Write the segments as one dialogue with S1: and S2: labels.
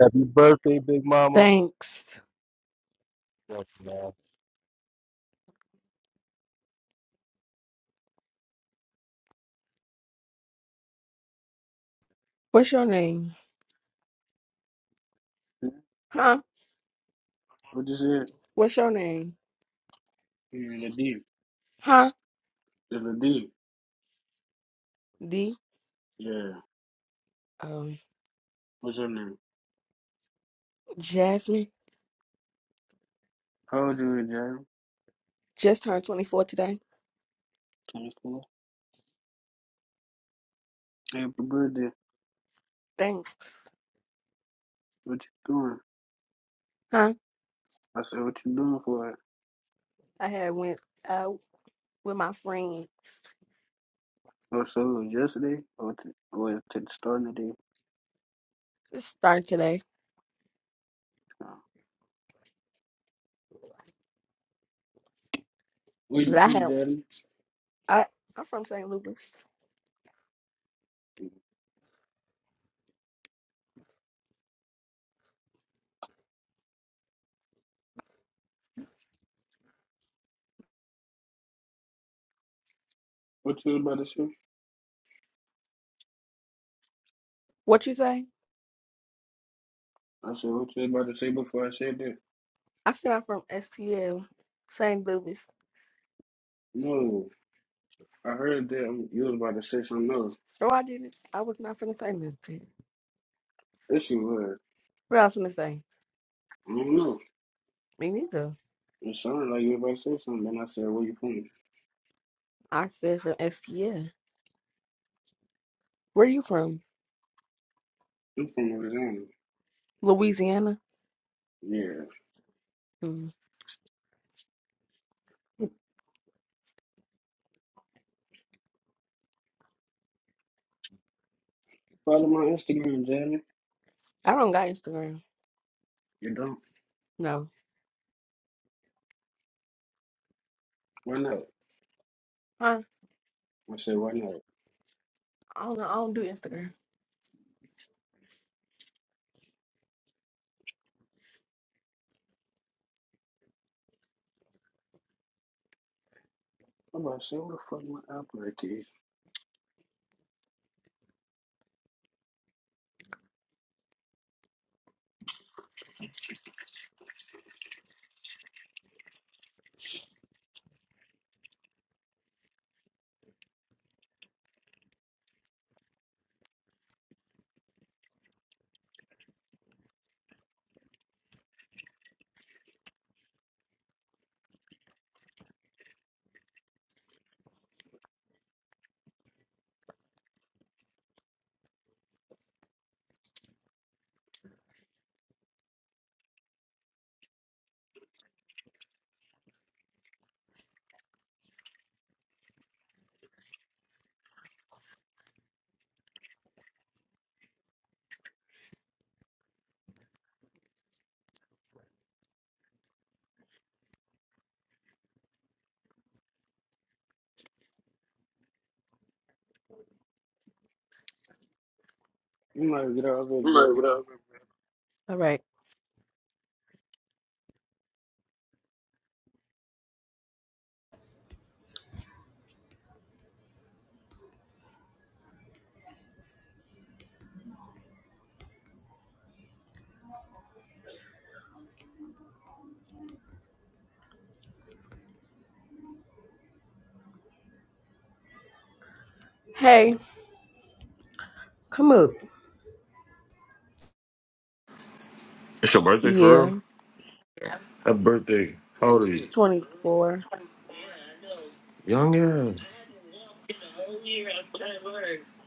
S1: Happy birthday, Big Mama.
S2: Thanks.
S1: Yes, man.
S2: What's your name? Huh?
S3: What you said?
S2: What's your name?
S3: You're in the deep.
S2: Huh?
S3: It's the deep?
S2: D.
S3: Yeah.
S2: Um,
S3: What's your name?
S2: Jasmine.
S3: How old you is, Jalen?
S2: Just turned 24 today.
S3: 24. Hey, but good day.
S2: Thanks.
S3: What you doing?
S2: Huh?
S3: I said, what you doing for it?
S2: I had went out with my friends.
S3: Oh, so it was yesterday? Or to, or it to the start of the day?
S2: It's starting today.
S3: Uh, Where
S2: 'Cause
S3: you
S2: I
S3: from,
S2: had,
S3: Daddy?
S2: I, I'm from St. Louis.
S3: What you was about to say?
S2: What you say?
S3: I said, what you was about to say before I said that?
S2: I said I'm from STL, St. Louis.
S3: No. I heard that you was about to say something else.
S2: No, I didn't. I was not finna say nothing.
S3: Yes, you was.
S2: What else finna say?
S3: I don't know.
S2: Me neither.
S3: It sounded like you was about to say something. Then I said, where you from?
S2: I said from STL. Where you from?
S3: I'm from Louisiana.
S2: Louisiana?
S3: Yeah.
S2: Mm.
S3: Follow my Instagram, Jalen.
S2: I don't got Instagram.
S3: You don't?
S2: No.
S3: Why not?
S2: I,
S3: I said, why not?
S2: I don't know. I don't do Instagram.
S3: I'm about to say, what the fuck my app like is? You might get all good,
S2: Like,
S3: there.
S2: whatever. All right. Hey. Come up.
S4: It's your birthday for real?
S2: Yeah.
S4: Happy birthday. How old are you?
S2: Twenty four.
S4: Young, yeah.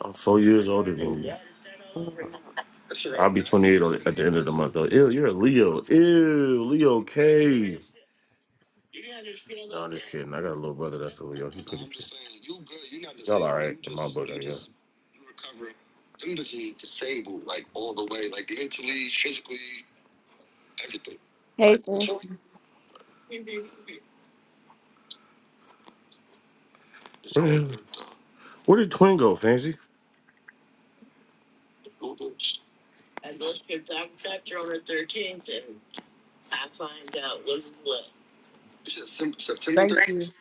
S4: I'm four years older than you. I'll be 28 on- at the end of the month, though. Ew, you're a Leo. Ew, Leo K. No, I'm just kidding. I got a little brother that's a Leo. He's pretty cute. Y'all all right in my book, I guess.
S2: Hey, Fancy.
S4: Where where did Twin go, Fancy?
S2: Thank you.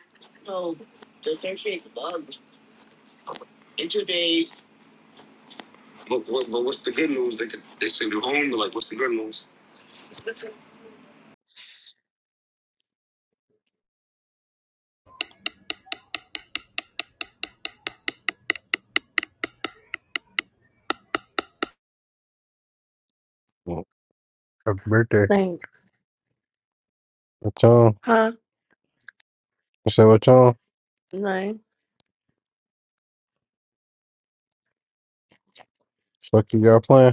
S5: Well, happy birthday.
S2: Thanks.
S5: What's on?
S2: Huh?
S5: I said, what's on?
S2: No.
S5: Fuck you, y'all playing?